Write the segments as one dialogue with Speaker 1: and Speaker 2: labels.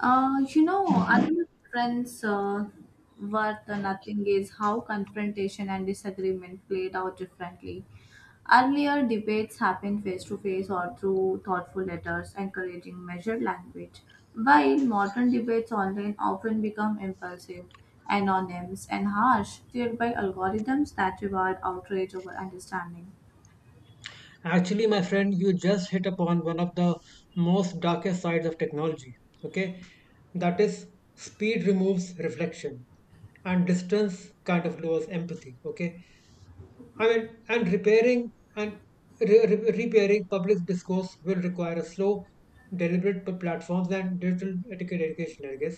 Speaker 1: Another difference worth nothing is how confrontation and disagreement played out differently. Earlier, debates happened face to face or through thoughtful letters, encouraging measured language, while modern debates online often become impulsive, anonymous, and harsh, steered by algorithms that reward outrage over understanding.
Speaker 2: Actually, my friend, you just hit upon one of the most darkest sides of technology. Okay, that is, speed removes reflection and distance kind of lowers empathy. Okay, I mean, and repairing and repairing public discourse will require a slow, deliberate platforms and digital etiquette education, I guess.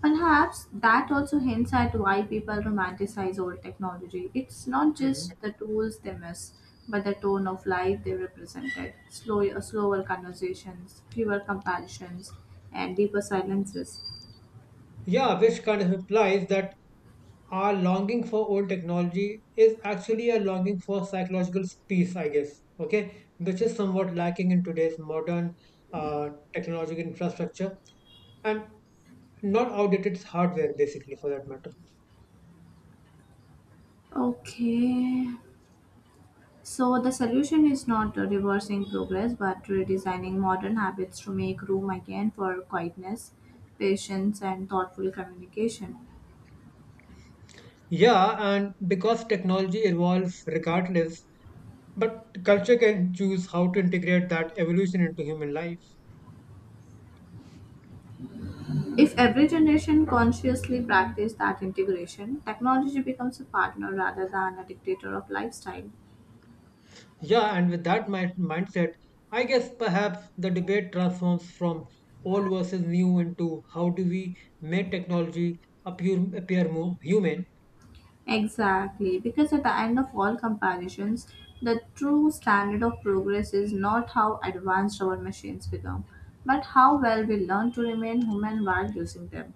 Speaker 1: Perhaps that also hints at why people romanticize old technology. It's not
Speaker 2: Hmm.
Speaker 1: just the tools they miss, but the tone of life they represented. Slower conversations, fewer comparisons, and deeper silences.
Speaker 2: Yeah, which kind of implies that our longing for old technology is actually a longing for psychological peace, I guess, okay, which is somewhat lacking in today's modern uh, technological infrastructure and not outdated hardware, basically, for that matter.
Speaker 1: Okay. So the solution is not reversing progress, but redesigning modern habits to make room again for quietness, patience, and thoughtful communication.
Speaker 2: Yeah, and because technology evolves regardless, but culture can choose how to integrate that evolution into human life.
Speaker 1: If every generation consciously practiced that integration, technology becomes a partner rather than a dictator of lifestyle.
Speaker 2: Yeah, and with that mindset, I guess perhaps the debate transforms from old versus new into how do we make technology appear more human.
Speaker 1: Exactly, because at the end of all comparisons, the true standard of progress is not how advanced our machines become, but how well we learn to remain human while using them.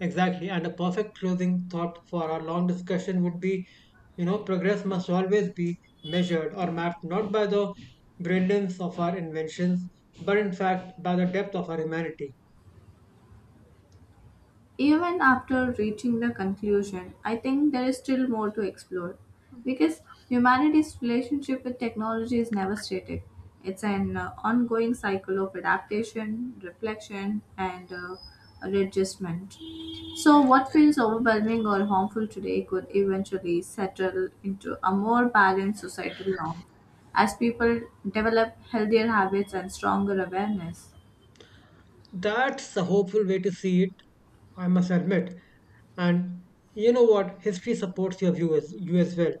Speaker 2: Exactly. And a perfect closing thought for our long discussion would be, you know, progress must always be measured or mapped not by the brilliance of our inventions, but in fact by the depth of our humanity.
Speaker 1: Even after reaching the conclusion, I think there is still more to explore because humanity's relationship with technology is never static. It's an ongoing cycle of adaptation, reflection, and readjustment. So, what feels overwhelming or harmful today could eventually settle into a more balanced societal norm as people develop healthier habits and stronger awareness.
Speaker 2: That's a hopeful way to see it, I must admit. And you know what? History supports your viewers, you as well.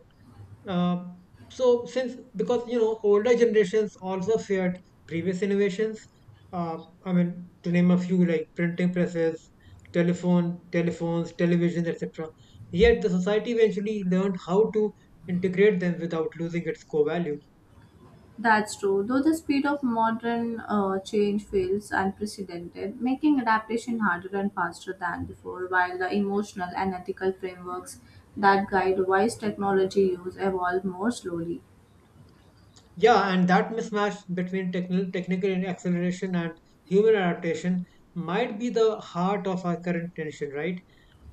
Speaker 2: Uh, so, since because you know, older generations also feared previous innovations. Uh, I mean, to name a few, like printing presses, telephones, television, etc. Yet the society eventually learned how to integrate them without losing its core value.
Speaker 1: That's true, though the speed of modern change feels unprecedented, making adaptation harder and faster than before, while the emotional and ethical frameworks that guide wise technology use evolve more slowly,
Speaker 2: Yeah, and that mismatch between technical acceleration and human adaptation might be the heart of our current tension, right?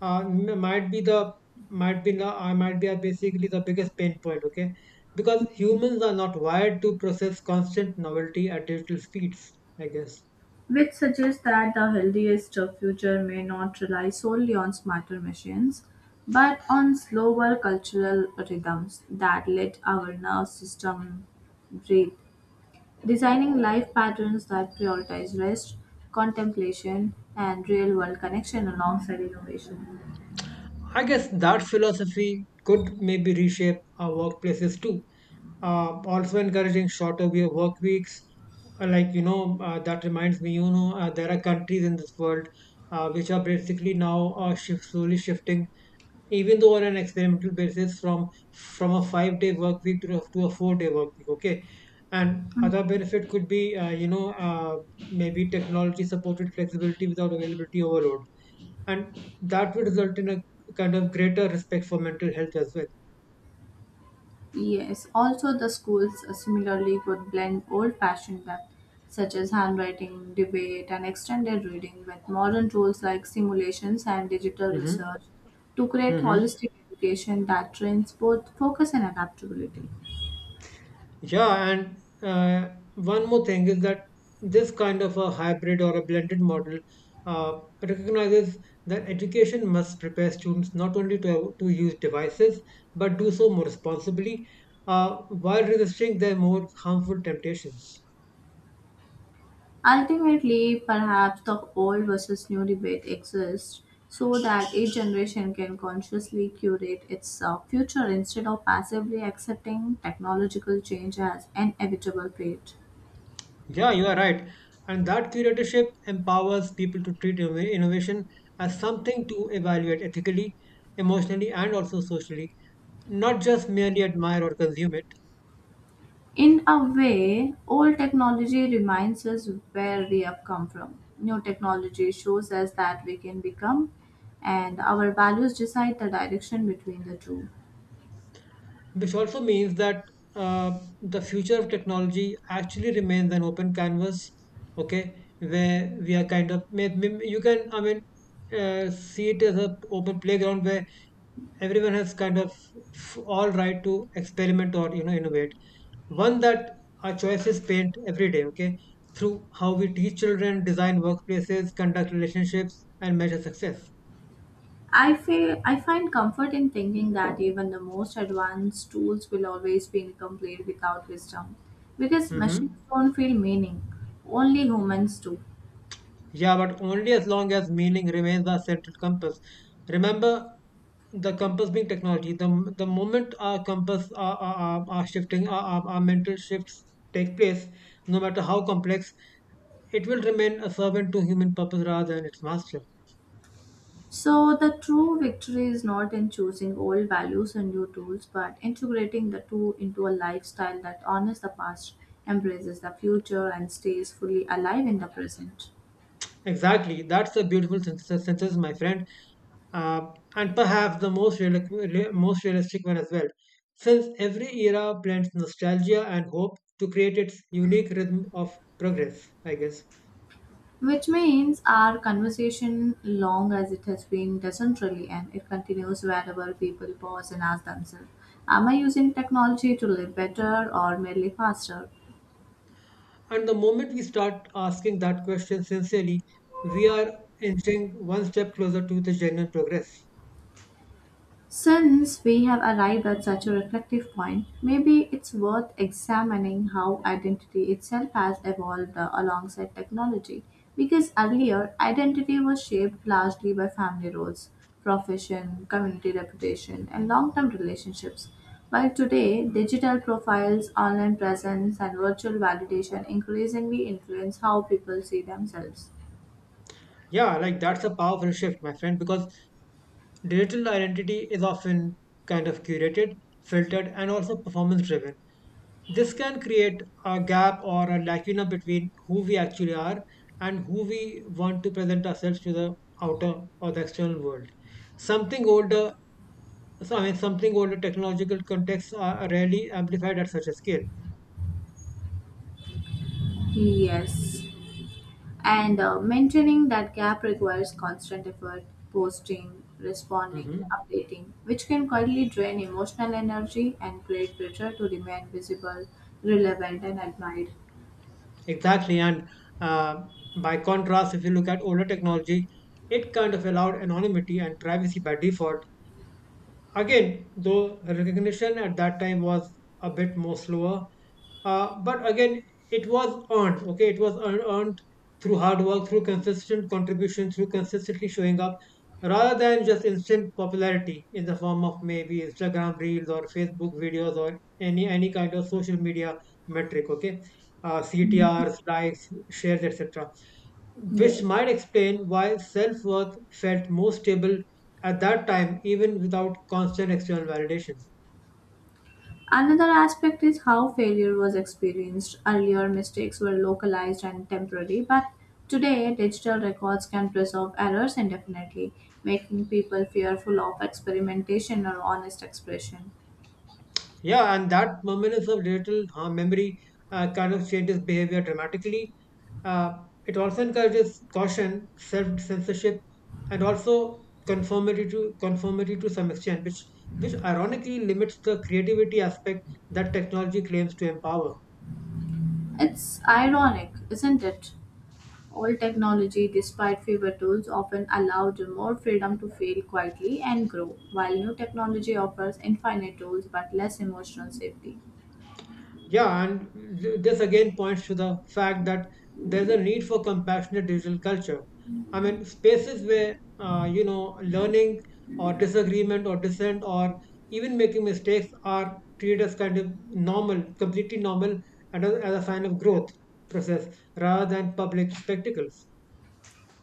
Speaker 2: Uh, m- might be the might be basically the biggest pain point. Okay, because humans are not wired to process constant novelty at digital speeds. I guess.
Speaker 1: which suggests that the healthiest future may not rely solely on smarter machines, but on slower cultural rhythms that let our nerve system breathe. Designing life patterns that prioritize rest, contemplation, and real world connection alongside innovation.
Speaker 2: I guess that philosophy could maybe reshape our workplaces too. Also encouraging shorter work weeks. Like, that reminds me, there are countries in this world which are basically now slowly shifting, even though on an experimental basis, from a 5-day work week to a 4-day work week. Okay, and other benefit could be, maybe technology supported flexibility without availability overload, and that would result in a kind of greater respect for mental health as well.
Speaker 1: Yes, also the schools similarly could blend old fashioned methods such as handwriting, debate, and extended reading with modern tools like simulations and digital
Speaker 2: Hmm.
Speaker 1: research to create
Speaker 2: Hmm.
Speaker 1: holistic education that trains both focus and adaptability.
Speaker 2: Yeah, and one more thing is that this kind of a hybrid or a blended model recognizes that education must prepare students not only to use devices but do so more responsibly, uh, while resisting their more harmful temptations.
Speaker 1: Ultimately, perhaps the old versus new debate exists so that each generation can consciously curate its future instead of passively accepting technological change as an inevitable fate.
Speaker 2: Yeah, you are right. And that curatorship empowers people to treat innovation as something to evaluate ethically, emotionally, and also socially, not just merely admire or consume it.
Speaker 1: In a way, old technology reminds us where we have come from. New technology shows us that we can become, and our values decide the direction between the two.
Speaker 2: Which also means that the future of technology actually remains an open canvas, okay, where we are kind of, you can, I mean, see it as an open playground where everyone has kind of all right to experiment or innovate, one that our choices paint every day, okay, through how we teach children, design workplaces, conduct relationships, and measure success.
Speaker 1: I feel I find comfort in thinking that even the most advanced tools will always be incomplete without wisdom, because machines
Speaker 2: Hmm.
Speaker 1: don't feel meaning, only humans do.
Speaker 2: Yeah, but only as long as meaning remains our central compass. Remember, the compass being technology. The moment our compass are shifting, our mental shifts take place, no matter how complex, it will remain a servant to human purpose rather than its master.
Speaker 1: So the true victory is not in choosing old values and new tools, but integrating the two into a lifestyle that honors the past, embraces the future, and stays fully alive in the present.
Speaker 2: Exactly. That's a beautiful synthesis, my friend, uh, and perhaps the most realistic one as well. Since every era blends nostalgia and hope to create its unique rhythm of progress, I guess.
Speaker 1: Which means our conversation, long as it has been, doesn't really end. It continues wherever people pause and ask themselves, am I using technology to live better or merely faster?
Speaker 2: And the moment we start asking that question sincerely, we are inching one step closer to the genuine progress.
Speaker 1: Since we have arrived at such a reflective point, maybe it's worth examining how identity itself has evolved alongside technology. Because earlier, identity was shaped largely by family roles, profession, community reputation, and long term relationships. While today, digital profiles, online presence, and virtual validation increasingly influence how people see themselves.
Speaker 2: Yeah, like that's a powerful shift, my friend, because digital identity is often kind of curated, filtered, and also performance driven. This can create a gap or a lacuna between who we actually are and who we want to present ourselves to the outer or the external world. Something older, I mean, something older technological contexts are rarely amplified at such a scale.
Speaker 1: Yes. And maintaining that gap requires constant effort, posting, responding,
Speaker 2: Hmm.
Speaker 1: updating, which can quietly drain emotional energy and create pressure to remain visible, relevant, and admired.
Speaker 2: Exactly. And uh, by contrast, if you look at older technology, it kind of allowed anonymity and privacy by default. Again, though recognition at that time was a bit more slower, but again, it was earned. Okay, it was earned through hard work, through consistent contribution, through consistently showing up, rather than just instant popularity in the form of maybe Instagram reels or Facebook videos or any kind of social media metric. Okay,
Speaker 1: Mhm.
Speaker 2: CTRs, likes, shares, etc.,
Speaker 1: Yes.
Speaker 2: which might explain why self worth felt more stable at that time, even without constant external validation.
Speaker 1: Another aspect is how failure was experienced. Earlier, mistakes were localized and temporary, but today, digital records can preserve errors indefinitely, making people fearful of experimentation or honest expression.
Speaker 2: Yeah, and that dominance of digital memory kind of changes behavior dramatically. Uh, it also encourages caution, self censorship, and also conformity to some extent, which ironically limits the creativity aspect that technology claims to empower.
Speaker 1: It's ironic, isn't it? All technology, despite fewer tools, often allowed more freedom to fail quietly and grow, while new technology offers infinite tools but less emotional safety.
Speaker 2: Yeah, and this again points to the fact that there's a need for compassionate digital culture. I mean, spaces where, learning or disagreement or dissent or even making mistakes are treated as kind of normal, completely normal, and as a sign of growth process rather than public spectacles.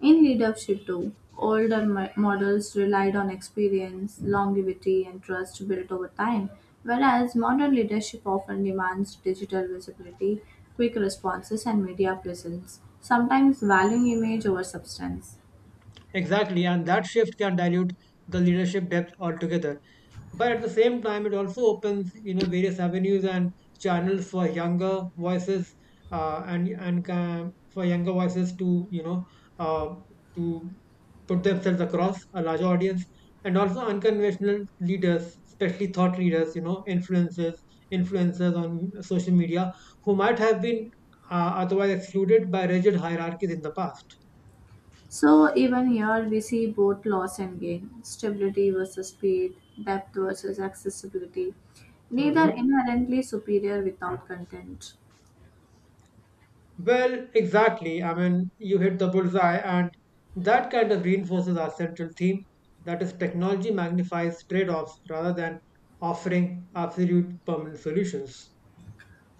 Speaker 1: In leadership, too, models relied on experience, longevity, and trust built over time, whereas modern leadership often demands digital visibility, quick responses, and media presence, sometimes valuing image over substance.
Speaker 2: Exactly, and that shift can dilute the leadership depth altogether. But at the same time, it also opens, you know, various avenues and channels for younger voices, for younger voices uh, to put themselves across a larger audience, and also unconventional leaders, especially thought leaders, you know, influencers on social media, who might have been uh, otherwise excluded by rigid hierarchies in the past.
Speaker 1: So even here we see both loss and gain, stability versus speed, depth versus accessibility, neither
Speaker 2: Hmm.
Speaker 1: inherently superior without content.
Speaker 2: Well, exactly. I mean, you hit the bullseye, and that kind of reinforces our central theme, that is, technology magnifies trade offs rather than offering absolute permanent solutions.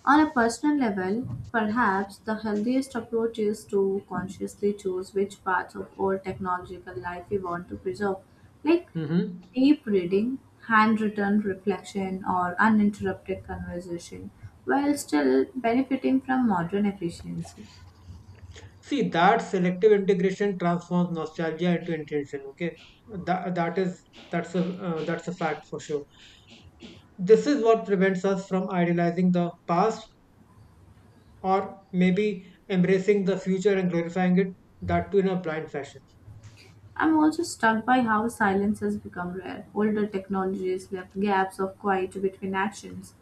Speaker 1: On a personal level, perhaps the healthiest approach is to consciously choose which parts of our technological life we want to preserve, like
Speaker 2: Mhm.
Speaker 1: deep reading, handwritten reflection, or uninterrupted conversation, while still benefiting from modern efficiency.
Speaker 2: See, that selective integration transforms nostalgia into intention. Okay, that, that is that's a fact for sure. This is what prevents us from idealizing the past or maybe embracing the future and glorifying it. That too in a blind fashion.
Speaker 1: I'm also struck by how silence has become rare. Older technologies left gaps of quiet between actions,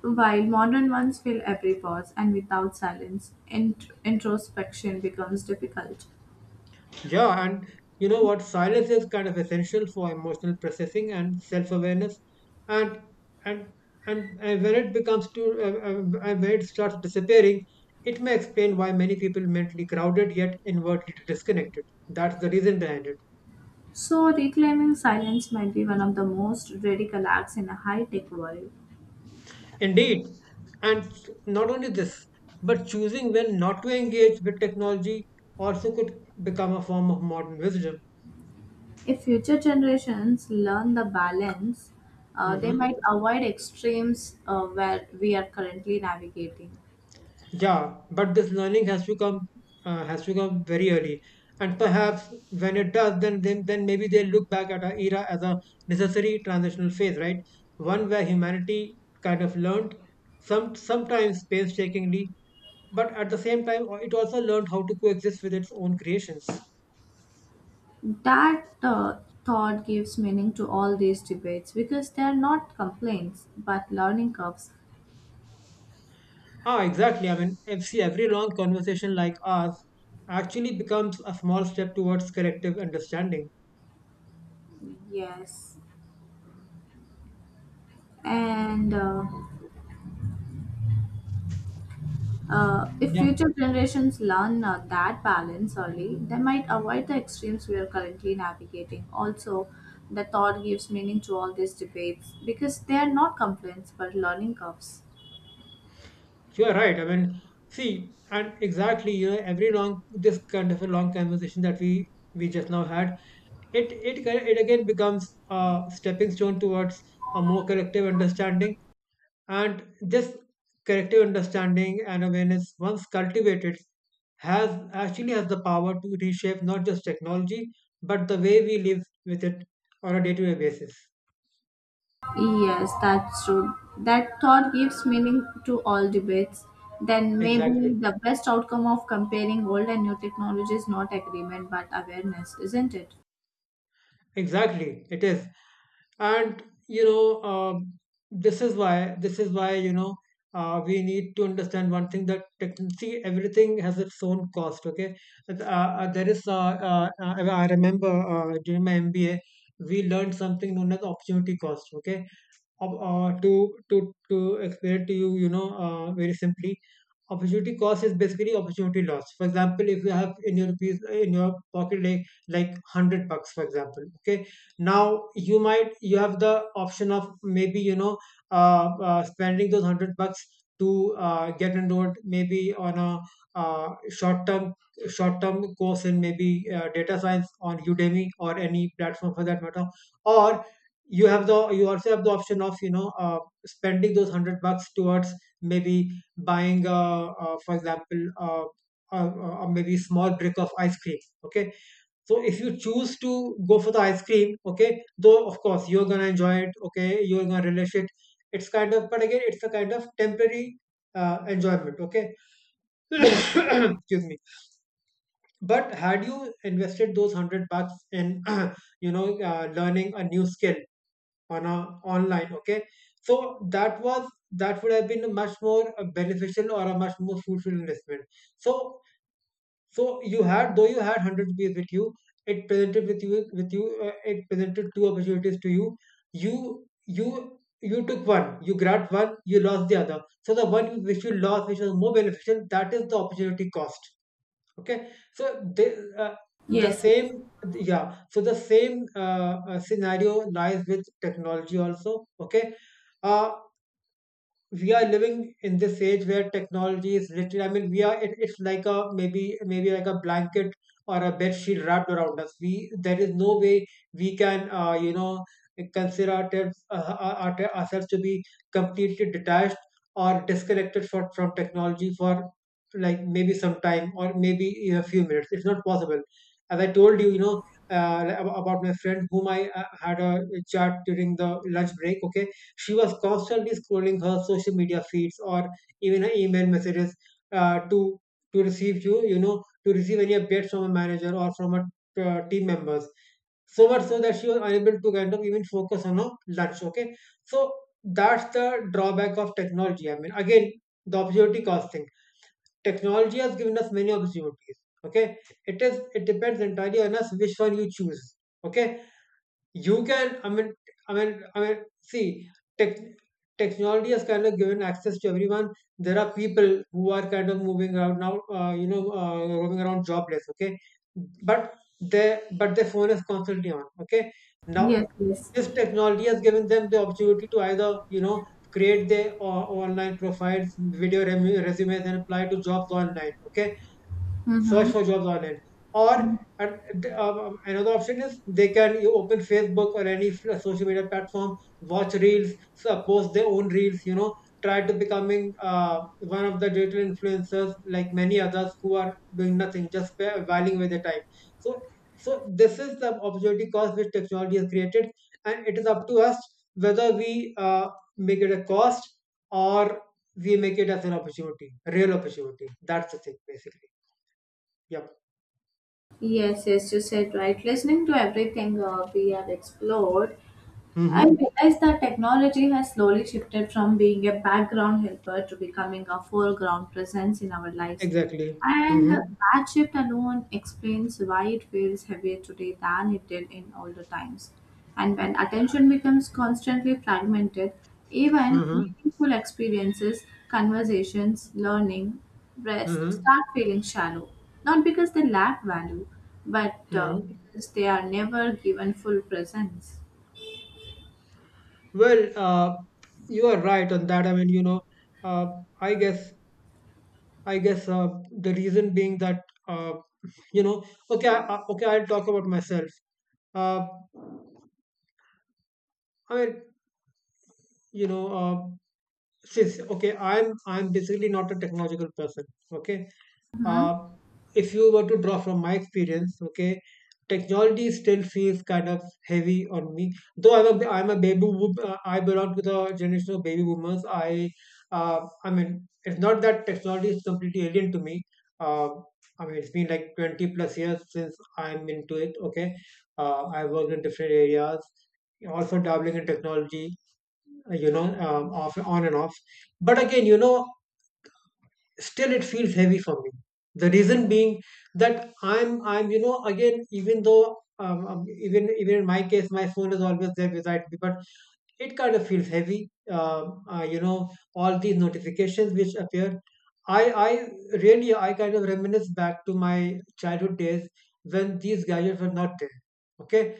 Speaker 1: while modern ones fill every pause, and without silence, introspection becomes difficult.
Speaker 2: Yeah, and you know what? Silence is kind of essential for emotional processing and self-awareness, and and and when it starts disappearing, it may explain why many people mentally crowded yet inwardly disconnected. That's the reason behind it.
Speaker 1: So, reclaiming silence might be one of the most radical acts in a high tech world.
Speaker 2: Indeed, and not only this, but choosing when not to engage with technology also could become a form of modern wisdom.
Speaker 1: If future generations learn the balance, they
Speaker 2: Hmm.
Speaker 1: might avoid extremes where we are currently navigating.
Speaker 2: Yeah, but this learning has to come, has to come very early, and perhaps when it does, then maybe they look back at our era as a necessary transitional phase, right? One where humanity kind of learned, sometimes painstakingly, but at the same time it also learned how to coexist with its own creations.
Speaker 1: That thought gives meaning to all these debates because they are not complaints but learning curves.
Speaker 2: Ah, exactly. I mean, if see, every long conversation like ours actually becomes a small step towards collective understanding.
Speaker 1: Yes. And if
Speaker 2: Yeah.
Speaker 1: future generations learn that balance early, they might avoid the extremes we are currently navigating. Also, the thought gives meaning to all these debates because they are not complaints but learning curves.
Speaker 2: You're right. I mean, see, and exactly, you know, every long this kind of a long conversation that we just now had, it again becomes a stepping stone towards a more collective understanding, and this collective understanding and awareness, once cultivated, has actually has the power to reshape not just technology but the way we live with it on a day-to-day basis.
Speaker 1: Yes, that's true. That thought gives meaning to all debates. Then maybe
Speaker 2: Exactly.
Speaker 1: the best outcome of comparing old and new technology is not agreement but awareness, isn't it?
Speaker 2: Exactly, it is. And you know, this is why we need to understand one thing that see everything has its own cost. Okay, there is I remember during my MBA we learned something known as opportunity cost. Okay, Ob- uh, to to explain it to you, very simply, opportunity cost is basically opportunity loss. For example, if you have in your piece, in your pocket like 100 bucks, for example, okay, now you have the option of maybe spending those 100 bucks to get enrolled maybe on a uh, short term short term course in maybe data science on Udemy or any platform for that matter, or you also have the option of spending those 100 bucks towards maybe buying for example maybe small brick of ice cream. Okay, so if you choose to go for the ice cream, okay, though of course you're gonna enjoy it, okay, you're gonna relish it. It's kind of but again it's a kind of temporary enjoyment. Okay.
Speaker 1: Yes,
Speaker 2: Excuse me. But had you invested those 100 bucks in learning a new skill on a online, okay. So that was that would have been a much more beneficial or a much more fruitful investment. So you had, though you had 100 rupees with you, it presented with you it presented two opportunities to you. You You took one, you grabbed one, you lost the other, so the one which you lost which was more beneficial, that is the opportunity cost. Okay, so
Speaker 1: yes, yes,
Speaker 2: yeah, so the same scenario lies with technology also. Okay, uh, we are living in this age where technology is literally, I mean, we are it, it's like a maybe like a blanket or a bed sheet wrapped around us. We There is no way we can consider ourselves to be completely detached or disconnected from technology for like maybe some time or maybe a few minutes. It's not possible. As I told you, about my friend whom I had a chat during the lunch break, okay, she was constantly scrolling her social media feeds or even her email messages uh, to to receive to receive any updates from a manager or from her team members. So much so that she was unable to kind of even focus on her lunch. Okay, so that's the drawback of technology. I mean, again, the opportunity cost thing. Technology has given us many opportunities. Okay, it depends entirely on us which one you choose. Okay, you can I mean I mean I mean see, tech, technology has kind of given access to everyone. There are people who are kind of moving around now, roaming around jobless, okay, but they but their phone is constantly on. Okay, now
Speaker 1: yes, yes.
Speaker 2: this technology has given them the opportunity to either create their online profiles, resumes, and apply to jobs online, okay, search
Speaker 1: Mm-hmm.
Speaker 2: for jobs on it, or
Speaker 1: Mm-hmm.
Speaker 2: uh, another option is they can you open Facebook or any social media platform, watch reels, post their own reels, you know, try to becoming one of the digital influencers, like many others who are doing nothing, just whiling away their time. So so this is the opportunity cost which technology has created, and it is up to us whether we make it a cost or we make it as an opportunity, real opportunity. That's the thing basically. Yeah.
Speaker 1: Yes, yes, you said right. Listening to everything we have explored, I
Speaker 2: Mhm.
Speaker 1: realize that technology has slowly shifted from being a background helper to becoming a foreground presence in our lives.
Speaker 2: Exactly.
Speaker 1: And
Speaker 2: Mhm.
Speaker 1: that shift alone explains why it feels heavier today than it did in older times. And when attention becomes constantly fragmented, even
Speaker 2: Mhm.
Speaker 1: meaningful experiences, conversations, learning, rest
Speaker 2: Mhm.
Speaker 1: start feeling shallow. Not because they lack value, but
Speaker 2: Mhm.
Speaker 1: because they are never given full presence.
Speaker 2: Well, you are right on that. I mean, you know, uh, I guess, I guess the reason being that, uh, you know, okay, okay, I'll talk about myself. Uh, I mean, you know, uh, since, okay, I'm basically not a technological person. Okay,
Speaker 1: Mhm.
Speaker 2: uh, if you were to draw from my experience, okay, technology still feels kind of heavy on me. Though I'm a I belong to the generation of baby boomers. I mean, it's not that technology is completely alien to me. uh, I mean, it's been like 20 plus years since I'm into it. Okay, I worked in different areas, also dabbling in technology, off, on and off. But again, you know, still it feels heavy for me. The reason being that you know, again, even though, even in my case, my phone is always there beside me, but it kind of feels heavy. You know, all these notifications which appear. I really, I kind of reminisce back to my childhood days when these gadgets were not there. Okay,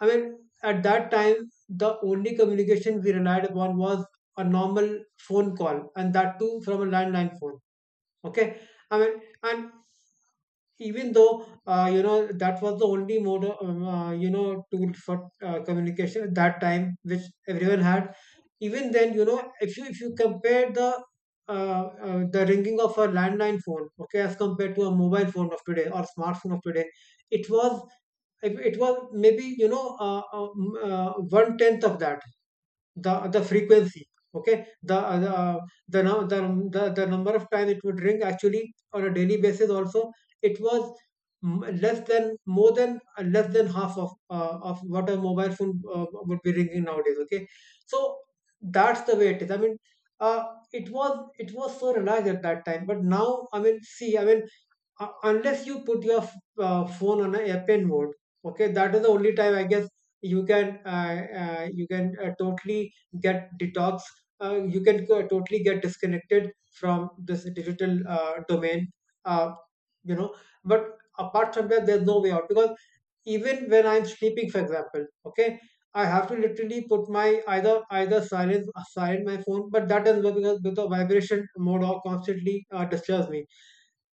Speaker 2: I mean, at that time, the only communication we relied upon was a normal phone call, and that too from a landline phone. Okay, I mean, and even though, you know, that was the only mode of, you know, tool for communication at that time, which everyone had. Even then, you know, if you compare the ringing of a landline phone, okay, as compared to a mobile phone of today or smartphone of today, it was, if it was maybe, one tenth of that, the frequency. Okay, the, nu- the number of times it would ring actually on a daily basis also, it was less than half of what a mobile phone would be ringing nowadays. Okay, so that's the way it is. I mean, uh, it was, so relaxed at that time, but now, I mean, see, I mean, unless you put your phone on a airplane mode, okay, that is the only time I guess you can uh, you can totally get detox, you can totally get disconnected from this digital domain, uh, you know but apart from that there's no way out, because even when I'm sleeping, for example, okay, I have to literally put my, either silence aside my phone, but that doesn't work because, the vibration mode or constantly disturbs me.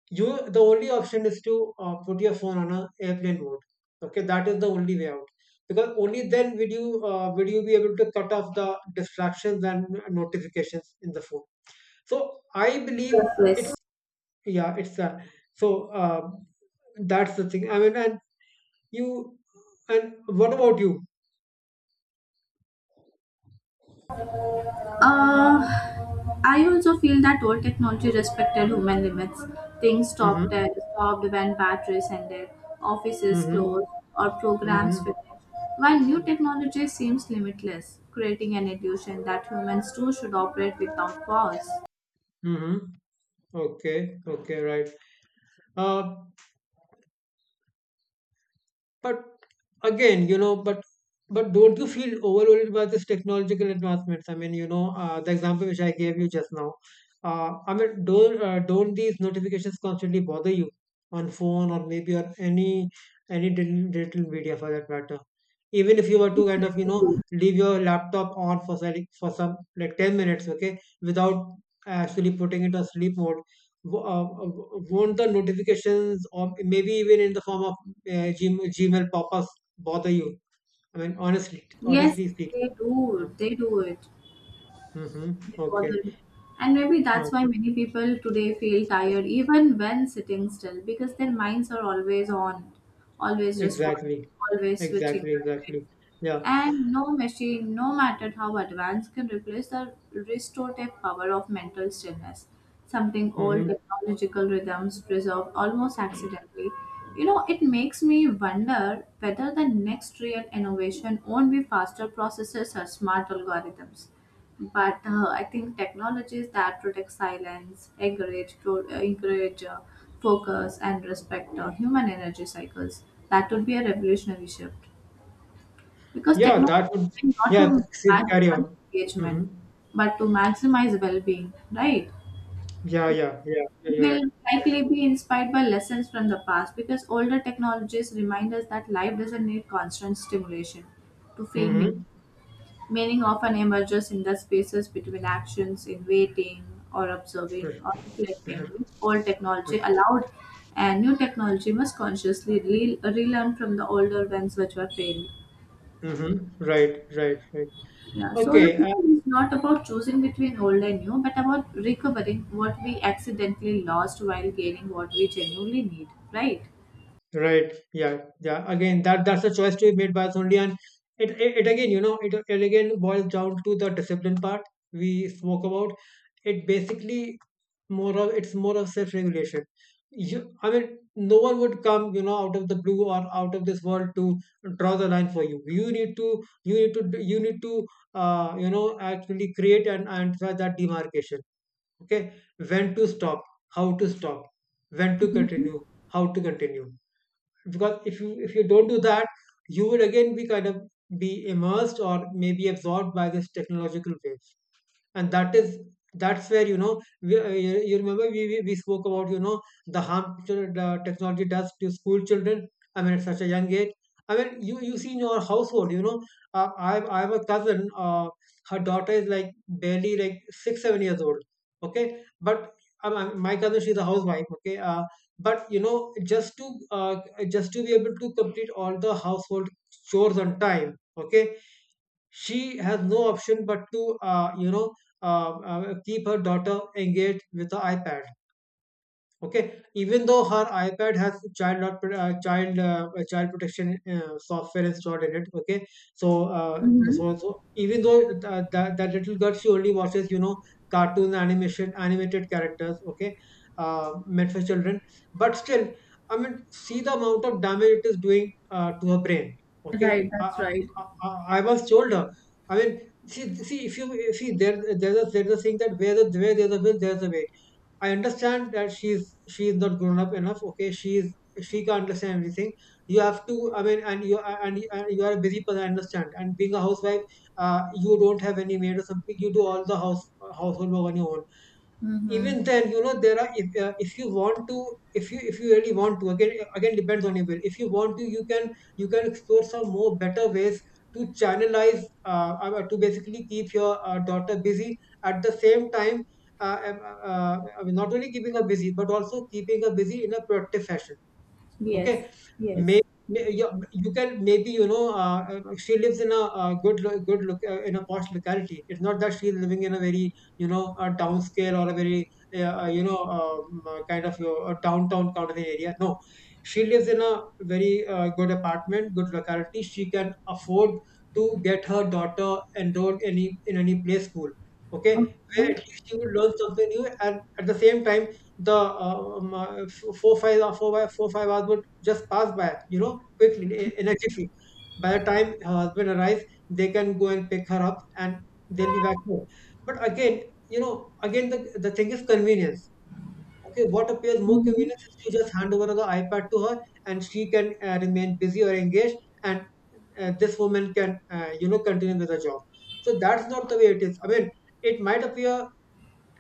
Speaker 2: You The only option is to put your phone on a airplane mode. Okay, that is the only way out, because only then will you be able to cut off the distractions and notifications in the phone. So I believe
Speaker 1: Yes,
Speaker 2: it's,
Speaker 1: yes.
Speaker 2: yeah, it's so that's the thing. I mean, and you and what about you?
Speaker 1: Uh, I also feel that old technology respected human limits. Things
Speaker 2: Mm-hmm,
Speaker 1: stopped, stopped when batteries ended, offices
Speaker 2: mm-hmm,
Speaker 1: closed, or programs
Speaker 2: mm-hmm,
Speaker 1: finished. While new
Speaker 2: mm-hmm.
Speaker 1: technology seems limitless, creating an illusion that humans too should operate without pause.
Speaker 2: Mm-hmm. Okay. Okay, right. uh, But again, you know, but don't you feel overwhelmed by this technological advancements? I mean, you know, the example which I gave you just now. I mean, don't these notifications constantly bother you on phone or maybe on any digital media for that matter? Even if you were
Speaker 1: Yes,
Speaker 2: to kind
Speaker 1: yes,
Speaker 2: of, you
Speaker 1: they
Speaker 2: know,
Speaker 1: do.
Speaker 2: leave your laptop on for some like 10 minutes, okay, without actually putting it on sleep mode, won't the notifications or maybe even in the form of uh, Gmail pop-ups bother you? I mean,
Speaker 1: Yes,
Speaker 2: honestly speaking.
Speaker 1: they
Speaker 2: Yeah.
Speaker 1: do. They do it.
Speaker 2: Mm-hmm. Okay.
Speaker 1: It. And maybe
Speaker 2: Uh,
Speaker 1: that's why many people today feel tired even when sitting still because their minds are always on, always responding,
Speaker 2: exactly.
Speaker 1: always switching.
Speaker 2: Exactly. Yeah.
Speaker 1: And no machine, no matter how advanced, can replace the restorative power of mental stillness, something old
Speaker 2: Mm-hmm.
Speaker 1: technological rhythms preserve almost accidentally. You know, it makes me wonder whether the next real innovation won't be faster processors or smart algorithms. But I think technologies that protect silence, encourage focus, and respect human energy cycles, that would be a revolutionary shift. Because
Speaker 2: Yeah.
Speaker 1: technology
Speaker 2: That would.
Speaker 1: is meant not
Speaker 2: Yeah.
Speaker 1: to
Speaker 2: See, carry
Speaker 1: maximize
Speaker 2: on. Mm-hmm.
Speaker 1: engagement, but to maximize well-being, right?
Speaker 2: Yeah. Yeah.
Speaker 1: It
Speaker 2: You're right.
Speaker 1: will likely be inspired by lessons from the past because older technologies remind us that life doesn't need constant stimulation to feel meaning.
Speaker 2: Mm-hmm.
Speaker 1: Meaning often emerges in the spaces between actions, in waiting or observing or
Speaker 2: Mm-hmm.
Speaker 1: reflecting, which old technology allowed, and new technology must consciously relearn from the older ones which were failed.
Speaker 2: Mm-hmm. Right. Right.
Speaker 1: Yeah, so the
Speaker 2: Okay.
Speaker 1: future is not about choosing between old and new, but about recovering what we accidentally lost while gaining what we genuinely need, right?
Speaker 2: Right. Yeah. Again, that's a choice to be made by us only, and it again, you know, it again boils down to the discipline part we spoke about. It basically, more of it's more of self-regulation. I mean, no one would come, you know, out of the blue or out of this world to draw the line for you. You need to, you know, actually create and try that demarcation. Okay, when to stop, how to stop, when to
Speaker 1: Mm-hmm.
Speaker 2: continue, how to continue, because if you don't do that, you would again be kind of be immersed or maybe absorbed by this technological wave. And that is, that's where, you know, we, you you remember we spoke about, you know, the harm the technology does to school children. I mean, at such a young age, I mean, you see in your household, you know, I have a cousin. Her daughter is like barely like 6-7 years old. Okay, but my cousin, she's a housewife, okay, but you know, just to uh, just to be able to complete all the household chores on time, okay, she has no option but to, keep her daughter engaged with the iPad. Okay, even though her iPad has child not pro- child child protection software installed in it. Okay, so,
Speaker 1: Mm-hmm.
Speaker 2: even though that little girl, she only watches, you know, cartoon animation, animated characters, okay, meant for children, but still, I mean, see the amount of damage it is doing to her brain. Okay, I, I once told her, I mean, see, if you see, there's a, thing that where the, where there's a will there's a way. I understand that she is not grown up enough. Okay, she is, she can't understand everything. You have to, I mean, and you and, you are a busy person. I understand. And being a housewife, you don't have any maid or something. You do all the household work on your own. Even then, there are, if you want to, if you really want to, again depends on your will. If you want to, you can explore some more better ways to channelize, to basically keep your daughter busy at the same time. I mean, not only keeping her busy but also keeping her busy in a productive fashion.
Speaker 1: Yes.
Speaker 2: Okay, may,
Speaker 1: Yes.
Speaker 2: you can maybe, she lives in a, good lo- good look in a posh locality. It's not that she's living in a very, a downscale or a very, kind of, your a downtown kind of an area. No, she lives in a very good apartment, good locality. She can afford to get her daughter enrolled, any in any play school. Okay, where
Speaker 1: Okay.
Speaker 2: at least she will learn something new, and at the same time, the four five hours would just pass by, quickly, energetically. By the time her husband arrives, they can go and pick her up, and they'll be back home. But again, the, thing is convenience. Okay, what appears more
Speaker 1: Mm-hmm.
Speaker 2: convenience is to just hand over the iPad to her, and she can, remain busy or engaged, and, this woman can, continue with her job. So that's not the way it is. I mean, it might appear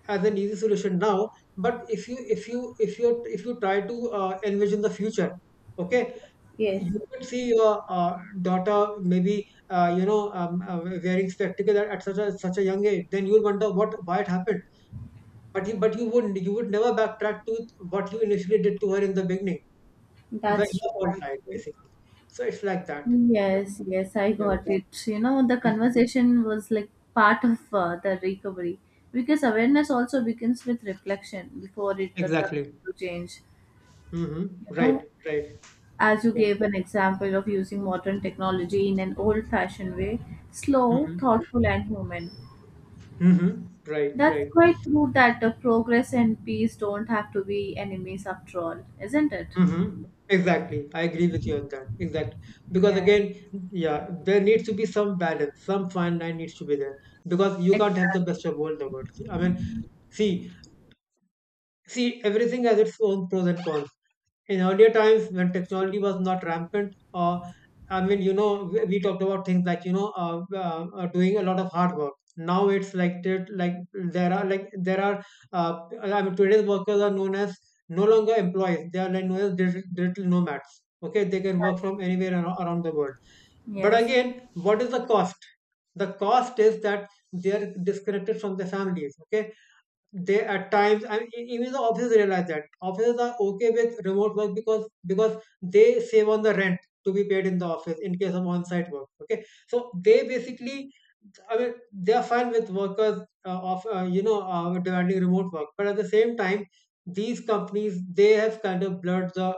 Speaker 2: as an easy solution now, but if you, if you try to envision the future. Okay,
Speaker 1: Yes.
Speaker 2: you could see your daughter maybe, wearing spectacles at, such a, young age, then you'll wonder what, why it happened. But you, but you wouldn't, you would never backtrack to what you initially did to her in the beginning, where
Speaker 1: That's
Speaker 2: you,
Speaker 1: true.
Speaker 2: all
Speaker 1: That's
Speaker 2: right,
Speaker 1: true.
Speaker 2: basically. So it's like that. Yeah,
Speaker 1: Yes. Yes. I
Speaker 2: yeah.
Speaker 1: got Yeah. it. You know, the
Speaker 2: Hmm.
Speaker 1: conversation was like part of the recovery because awareness also begins with reflection before it turns
Speaker 2: Exactly.
Speaker 1: to change.
Speaker 2: Hmm,
Speaker 1: You
Speaker 2: right,
Speaker 1: know,
Speaker 2: right.
Speaker 1: as you
Speaker 2: Yeah.
Speaker 1: gave an example of using modern technology in an old fashioned way, slow,
Speaker 2: Hmm,
Speaker 1: thoughtful, and human.
Speaker 2: hmm. Right,
Speaker 1: That's
Speaker 2: right.
Speaker 1: quite true that progress and peace don't have to be enemies after all, isn't it?
Speaker 2: Mm-hmm. Exactly. I agree with you on that. Exactly. Because
Speaker 1: Yes,
Speaker 2: again, yeah, there needs to be some balance, some fine line needs to be there. Because you can't have the
Speaker 1: exactly.
Speaker 2: best of both the worlds. I mean, see, see, everything has its own pros and cons. In earlier times, when
Speaker 1: True.
Speaker 2: technology was not rampant, or I mean, you know, we talked about things like, you know, doing a lot of hard work. Now it's like that, like there are, like there are. I mean, today's workers are known as no longer employees. They are like known as digital, nomads. Okay, they can work
Speaker 1: That's
Speaker 2: from anywhere, around the world. But
Speaker 1: yes,
Speaker 2: again, what is the cost? The cost is that they are disconnected from their families. Okay, they at times, I mean, even the offices realize that offices are okay with remote work, because they save on the rent to be paid in the office in case of on-site work. Okay, so they basically, I mean, they are fine with workers, of you know demanding remote work. But at the same time, these companies, they have kind of blurred the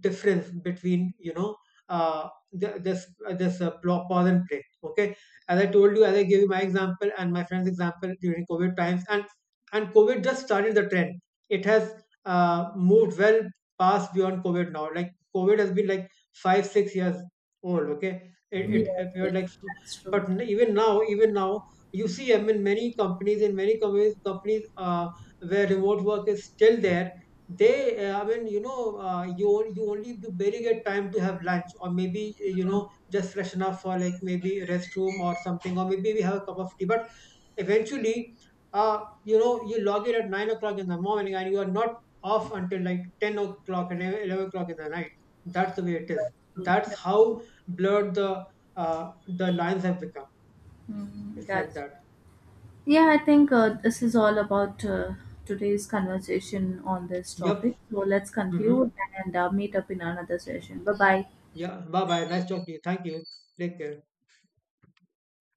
Speaker 2: difference between, you know, the, this this pl- pause and play. Okay, as I told you, as I gave you my example and my friend's example during COVID times, and COVID just started the trend. It has moved well past beyond COVID now. Like COVID has been like 5-6 years old. Okay,
Speaker 1: yes,
Speaker 2: it,
Speaker 1: yes,
Speaker 2: appeared like,
Speaker 1: that's true.
Speaker 2: but, even now, even now. You see, I mean, many companies, where remote work is still there, they, I mean, you know, you, you only do barely get time to have lunch, or maybe, you know, just freshen up for like maybe restroom or something, or maybe we have a cup of tea. But eventually, uh you know, you log in at 9 o'clock in the morning and you are not off until like 10 o'clock and 11 eleven o'clock in the night. That's the way it
Speaker 1: That's
Speaker 2: is.
Speaker 1: true.
Speaker 2: That's
Speaker 1: That's true.
Speaker 2: how blurred the, the lines have become.
Speaker 1: Mm,
Speaker 2: It's like
Speaker 1: that's
Speaker 2: that.
Speaker 1: yeah. I think this is all about today's conversation on this
Speaker 2: Yep.
Speaker 1: topic. So let's conclude
Speaker 2: Mm-hmm.
Speaker 1: and meet up in another session. Bye bye.
Speaker 2: Yeah, bye bye. Nice talking to you. Thank you. Take care.